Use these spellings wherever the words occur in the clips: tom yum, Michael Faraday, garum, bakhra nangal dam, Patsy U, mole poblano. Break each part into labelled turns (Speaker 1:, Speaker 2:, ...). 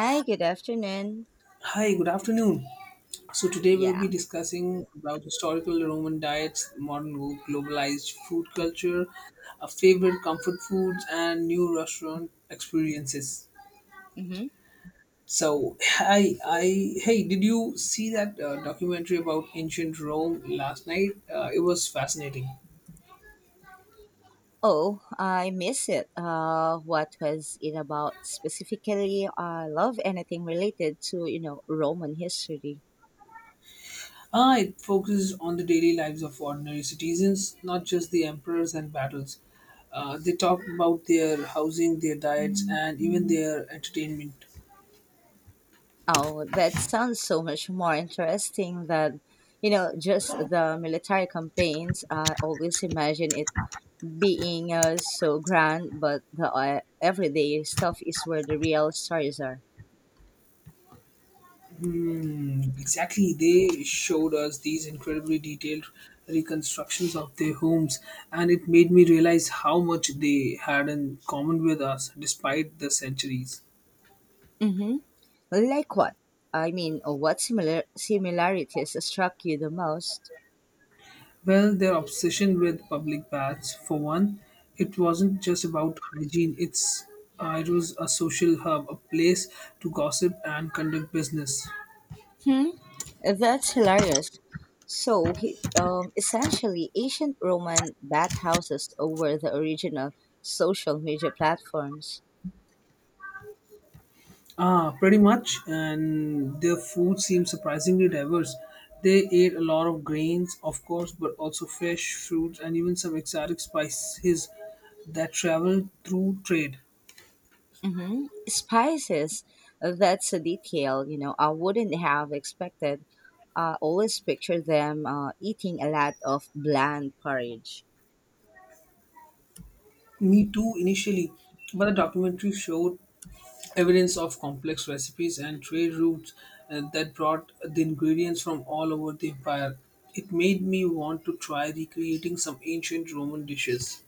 Speaker 1: Hi, good afternoon.
Speaker 2: Hi, good afternoon. So today we'll be
Speaker 1: Yeah.
Speaker 2: discussing about historical Roman diets, modern globalized food culture, our favorite comfort foods, and new restaurant experiences.
Speaker 1: Mm-hmm.
Speaker 2: So, hey, did you see that documentary about ancient Rome last night? It was fascinating.
Speaker 1: Oh, I miss it. What was it about specifically? I love anything related to, you know, Roman history.
Speaker 2: Ah, it focuses on the daily lives of ordinary citizens, not just the emperors and battles. They talk about their housing, their diets, and even their entertainment.
Speaker 1: Oh, that sounds so much more interesting than, you know, just the military campaigns. I always imagine it being so grand, but the everyday stuff is where the real stories are.
Speaker 2: Mm, exactly. They showed us these incredibly detailed reconstructions of their homes, and it made me realize how much they had in common with us despite the centuries.
Speaker 1: Mm-hmm. Like what? I mean, what similarities struck you the most?
Speaker 2: Well, their obsession with public baths, for one, it wasn't just about hygiene, it was a social hub, a place to gossip and conduct business.
Speaker 1: Hmm? That's hilarious. So, essentially, ancient Roman bathhouses were the original social media platforms.
Speaker 2: Ah, pretty much. And their food seems surprisingly diverse. They ate a lot of grains, of course, but also fish, fruits, and even some exotic spices that travel through trade.
Speaker 1: Spices, that's a detail, you know, I wouldn't have expected. I always picture them eating a lot of bland porridge.
Speaker 2: Me too, initially, but the documentary showed evidence of complex recipes and trade routes that brought the ingredients from all over the empire. It made me want to try recreating some ancient Roman dishes.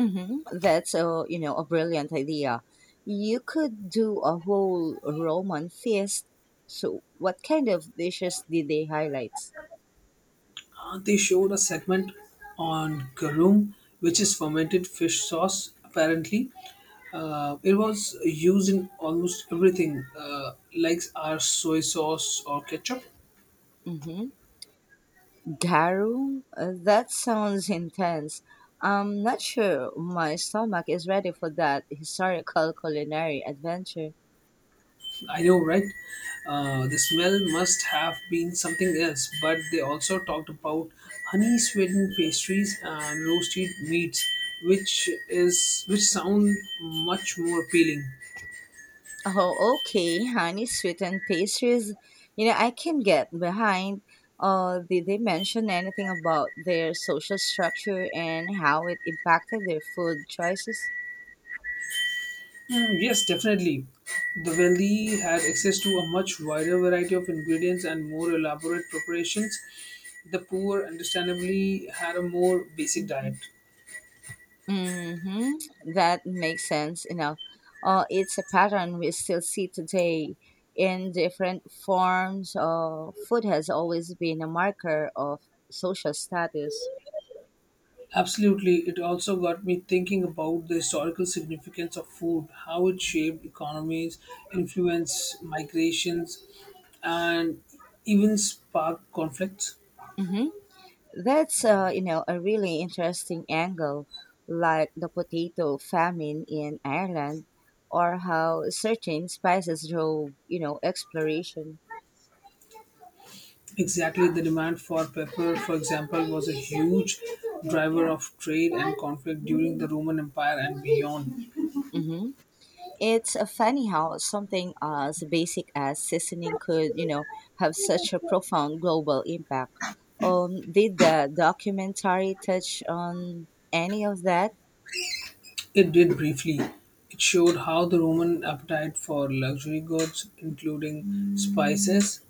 Speaker 1: That's a, you know, a brilliant idea. You could do a whole Roman feast. So, what kind of dishes did they highlight?
Speaker 2: They showed a segment on garum, which is fermented fish sauce. Apparently, it was used in almost everything, like our soy sauce or ketchup.
Speaker 1: Mm-hmm. Garum? That sounds intense. I'm not sure my stomach is ready for that historical culinary adventure.
Speaker 2: I know, right? The smell must have been something else, but they also talked about honey sweetened pastries and roasted meats, which is which sound much more appealing.
Speaker 1: Oh, okay, honey sweetened pastries. You know, I can get behind. Did they mention anything about their social structure and how it impacted their food choices?
Speaker 2: Mm, yes, definitely. The wealthy had access to a much wider variety of ingredients and more elaborate preparations. The poor, understandably, had a more basic diet.
Speaker 1: Mm-hmm. That makes sense, you know. It's a pattern we still see today in different forms. Food has always been a marker of social status.
Speaker 2: Absolutely, it also got me thinking about the historical significance of food, how it shaped economies, influenced migrations, and even sparked conflicts.
Speaker 1: Mhm. That's you know, a really interesting angle, like the potato famine in Ireland, or how certain spices drove, you know, exploration.
Speaker 2: Exactly, the demand for pepper, for example, was a huge driver of trade and conflict during the Roman Empire and beyond.
Speaker 1: hmm It's funny how something as basic as seasoning could, you know, have such a profound global impact. Did the documentary touch on any of that?
Speaker 2: It did briefly. It showed how the Roman appetite for luxury goods, including spices,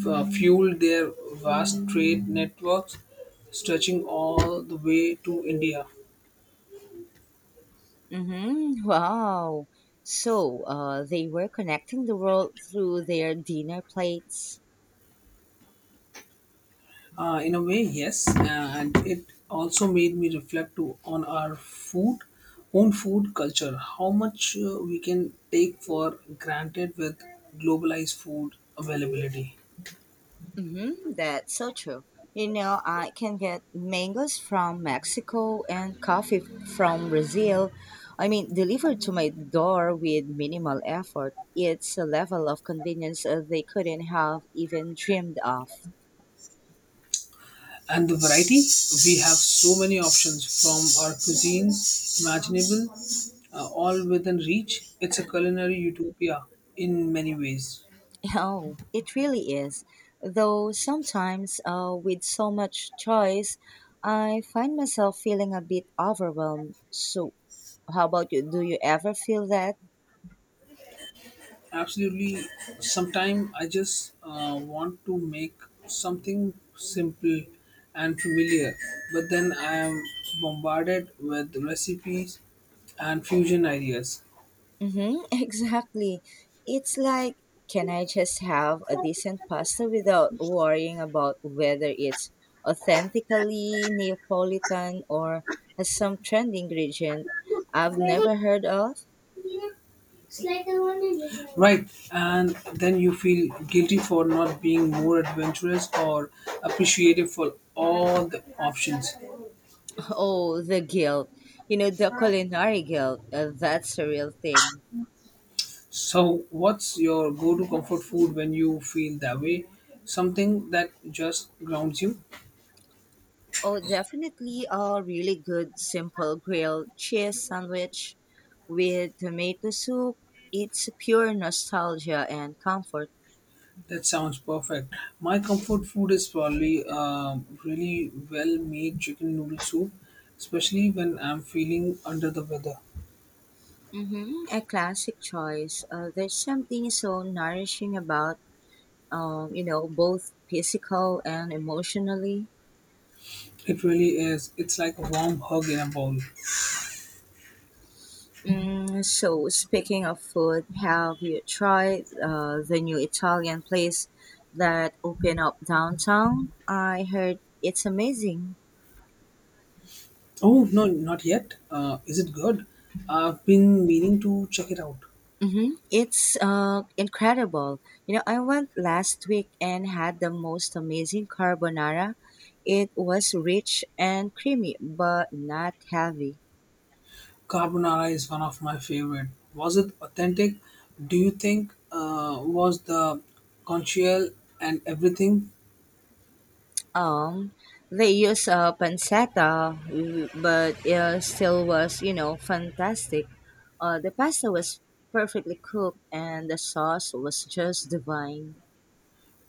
Speaker 2: fueled their vast trade networks, stretching all the way to India.
Speaker 1: Mm-hmm. Wow. So they were connecting the world through their dinner plates.
Speaker 2: In a way, yes, and it also made me reflect on our own food culture, how much we can take for granted with globalized food availability
Speaker 1: Mm-hmm. That's so true. You know, I can get mangoes from Mexico and coffee from Brazil. I mean, delivered to my door with minimal effort. It's a level of convenience they couldn't have even dreamed of.
Speaker 2: and the variety. We have so many options from our cuisine, imaginable, all within reach. It's a culinary utopia in many ways.
Speaker 1: Oh, it really is. Though sometimes, with so much choice, I find myself feeling a bit overwhelmed. So, how about you? Do you ever feel that?
Speaker 2: Absolutely. Sometimes I just want to make something simple and familiar, but then I am bombarded with recipes and fusion ideas.
Speaker 1: Mm-hmm, exactly. It's like, can I just have a decent pasta without worrying about whether it's authentically Neapolitan or has some trendy ingredient I've never heard of?
Speaker 2: Right, and then you feel guilty for not being more adventurous or appreciative for all the options.
Speaker 1: Oh, the guilt. You know, the culinary guilt. That's a real thing.
Speaker 2: So, what's your go to comfort food when you feel that way? Something that just grounds you?
Speaker 1: Oh, definitely a really good simple grilled cheese sandwich with tomato soup. It's pure nostalgia and comfort.
Speaker 2: That sounds perfect. My comfort food is probably really well made chicken noodle soup, especially when I'm feeling under the weather.
Speaker 1: Mm-hmm. A classic choice. There's something so nourishing about, you know, both physical and emotionally.
Speaker 2: It really is. It's like a warm hug in a bowl.
Speaker 1: Mm, so, speaking of food, have you tried the new Italian place that opened up downtown? I heard it's amazing.
Speaker 2: Oh, no, not yet. Is it good? I've been meaning to check it out.
Speaker 1: Mm-hmm. It's incredible. You know, I went last week and had the most amazing carbonara. It was rich and creamy, but not heavy.
Speaker 2: Carbonara is one of my favorite. Was it authentic? Do you think was the conchial and everything?
Speaker 1: Um, they use a pancetta, but it still was, you know, fantastic. The pasta was perfectly cooked and the sauce was just divine.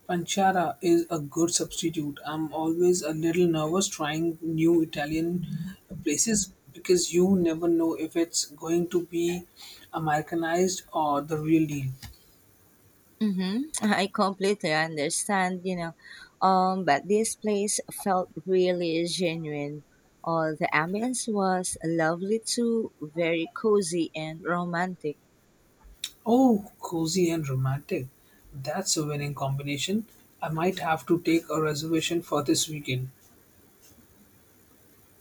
Speaker 2: Pancetta is a good substitute. I'm always a little nervous trying new Italian places because you never know if it's going to be Americanized or the real deal.
Speaker 1: Mm-hmm. I completely understand, you know. But this place felt really genuine. The ambience was lovely too, very cozy and romantic.
Speaker 2: Oh, cozy and romantic. That's a winning combination. I might have to take a reservation for this weekend.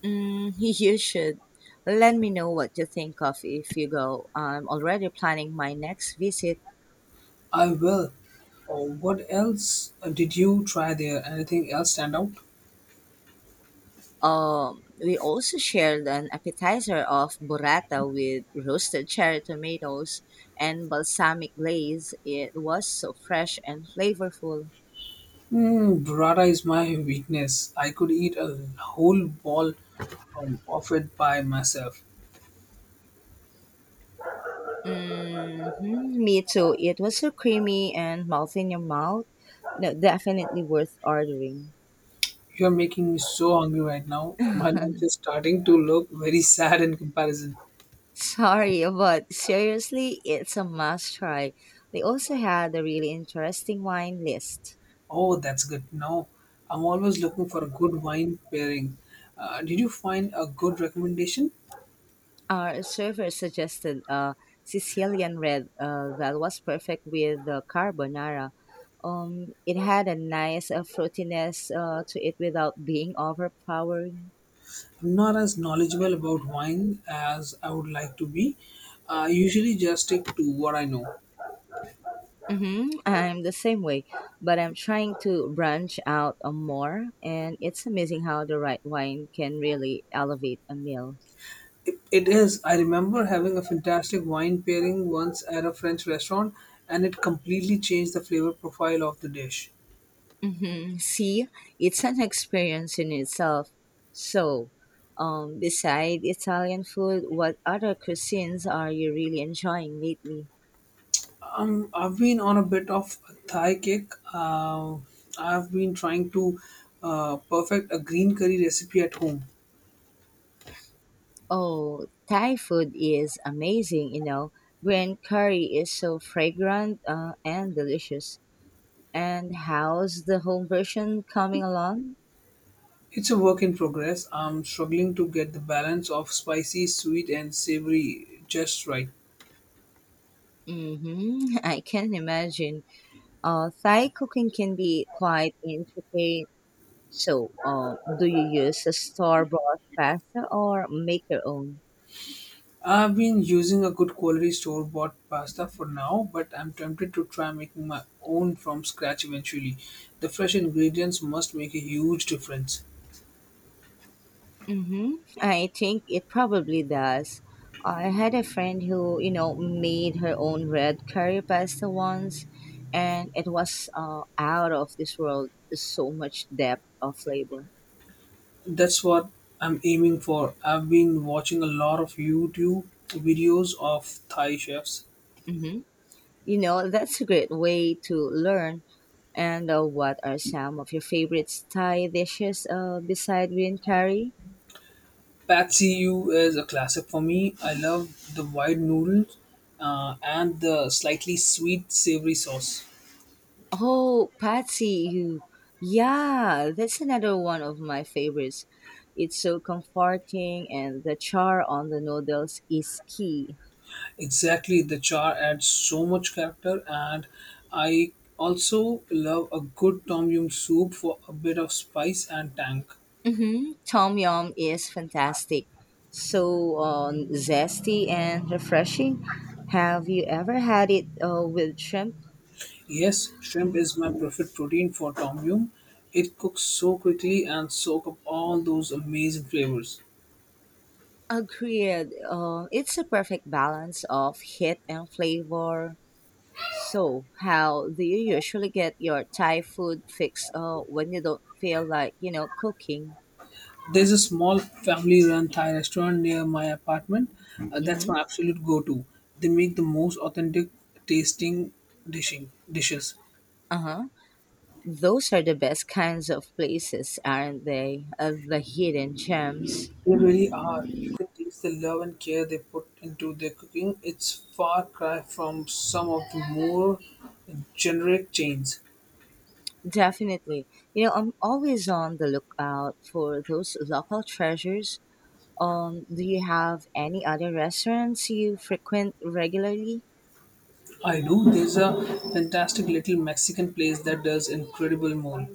Speaker 1: Mm, you should. Let me know what you think of if you go. I'm already planning my next visit.
Speaker 2: I will. Oh, what else did you try there? Anything else stand out?
Speaker 1: We also shared an appetizer of burrata with roasted cherry tomatoes and balsamic glaze. It was so fresh and flavorful.
Speaker 2: Mm, burrata is my weakness. I could eat a whole ball of it by myself.
Speaker 1: hmm Me too. It was so creamy and melt in your mouth. No, definitely worth ordering.
Speaker 2: You're making me so hungry right now. My lunch is starting to look very sad in comparison.
Speaker 1: Sorry, but seriously, it's a must try. They also had a really interesting wine list.
Speaker 2: Oh, that's good. Now, I'm always looking for a good wine pairing. Did you find a good recommendation?
Speaker 1: Our server suggested a Sicilian red that was perfect with the carbonara. It had a nice fruitiness to it without being overpowering.
Speaker 2: I'm not as knowledgeable about wine as I would like to be. I usually just stick to what I know.
Speaker 1: I'm the same way, but I'm trying to branch out more, and it's amazing how the right wine can really elevate a meal.
Speaker 2: It is. I remember having a fantastic wine pairing once at a French restaurant, and it completely changed the flavor profile of the dish.
Speaker 1: See, it's an experience in itself. So, beside Italian food, what other cuisines are you really enjoying lately?
Speaker 2: I've been on a bit of a Thai kick. I've been trying to perfect a green curry recipe at home.
Speaker 1: Oh, Thai food is amazing, you know. Green curry is so fragrant and delicious. And how's the home version coming along?
Speaker 2: It's a work in progress. I'm struggling to get the balance of spicy, sweet, and savory just right.
Speaker 1: Mm-hmm. I can imagine. Thai cooking can be quite intricate. So, do you use a store-bought pasta or make your own?
Speaker 2: I've been using a good quality store bought pasta for now, but I'm tempted to try making my own from scratch eventually. The fresh ingredients must make a huge difference.
Speaker 1: Mm-hmm. I think it probably does. I had a friend who, you know, made her own red curry pasta once, and it was out of this world. So much depth of flavor.
Speaker 2: That's what I'm aiming for. I've been watching a lot of YouTube videos of Thai chefs.
Speaker 1: Mm-hmm. You know, that's a great way to learn. And what are some of your favorite Thai dishes beside green curry?
Speaker 2: Patsy U is a classic for me. I love the wide noodles and the slightly sweet savory sauce.
Speaker 1: Oh, Patsy, you. Yeah, that's another one of my favorites. It's so comforting, and the char on the noodles is key.
Speaker 2: Exactly, the char adds so much character, and I also love a good tom yum soup for a bit of spice and tang.
Speaker 1: Mm-hmm. Tom yum is fantastic. So zesty and refreshing. Have you ever had it with shrimp?
Speaker 2: Yes, shrimp is my preferred protein for tom yum. It cooks so quickly and soak up all those amazing flavors.
Speaker 1: Agreed. It's a perfect balance of heat and flavor. So, how do you usually get your Thai food fix when you don't feel like, you know, cooking?
Speaker 2: There's a small family-run Thai restaurant near my apartment. That's
Speaker 1: Mm-hmm.
Speaker 2: my absolute go-to. They make the most authentic tasting dishing dishes.
Speaker 1: Uh-huh. Those are the best kinds of places, aren't they? The hidden gems.
Speaker 2: They really are. You can taste the love and care they put into their cooking. It's far cry from some of the more generic chains.
Speaker 1: Definitely. You know, I'm always on the lookout for those local treasures. Do you have any other restaurants you frequent regularly?
Speaker 2: I know there's a fantastic little Mexican place that does incredible mole.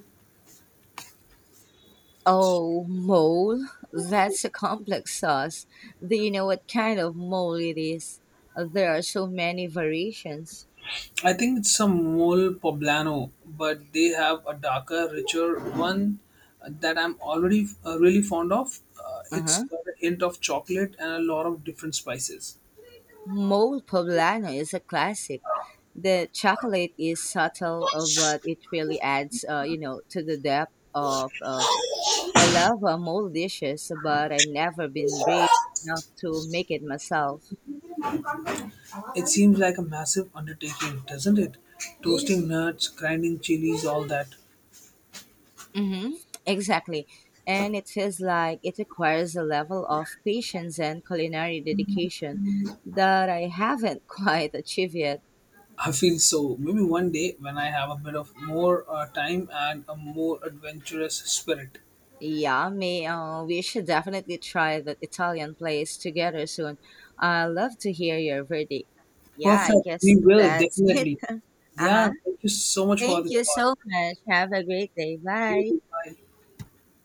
Speaker 1: Oh, mole? That's a complex sauce. Do you know what kind of mole it is? There are so many variations.
Speaker 2: I think it's some mole poblano, but they have a darker, richer one that I'm already really fond of. It's
Speaker 1: Uh-huh.
Speaker 2: got a hint of chocolate and a lot of different spices.
Speaker 1: Mole poblano is a classic. The chocolate is subtle, but it really adds, you know, to the depth of. I love mole dishes, but I've never been brave enough to make it myself.
Speaker 2: It seems like a massive undertaking, doesn't it? Toasting nuts, grinding chilies, all that.
Speaker 1: Mm-hmm. Exactly. And it feels like it requires a level of patience and culinary dedication that I haven't quite achieved yet.
Speaker 2: I feel so. Maybe one day when I have a bit of more time and a more adventurous spirit.
Speaker 1: Yeah, we should definitely try that Italian place together soon. I love to hear your verdict. Yeah, I
Speaker 2: Perfect.
Speaker 1: guess
Speaker 2: We will
Speaker 1: that's it.
Speaker 2: definitely. Yeah.
Speaker 1: Uh-huh.
Speaker 2: Thank you so much for
Speaker 1: Thank
Speaker 2: this
Speaker 1: you
Speaker 2: call.
Speaker 1: so much. Have a great day.
Speaker 2: You
Speaker 1: Bye.
Speaker 2: too. Bye.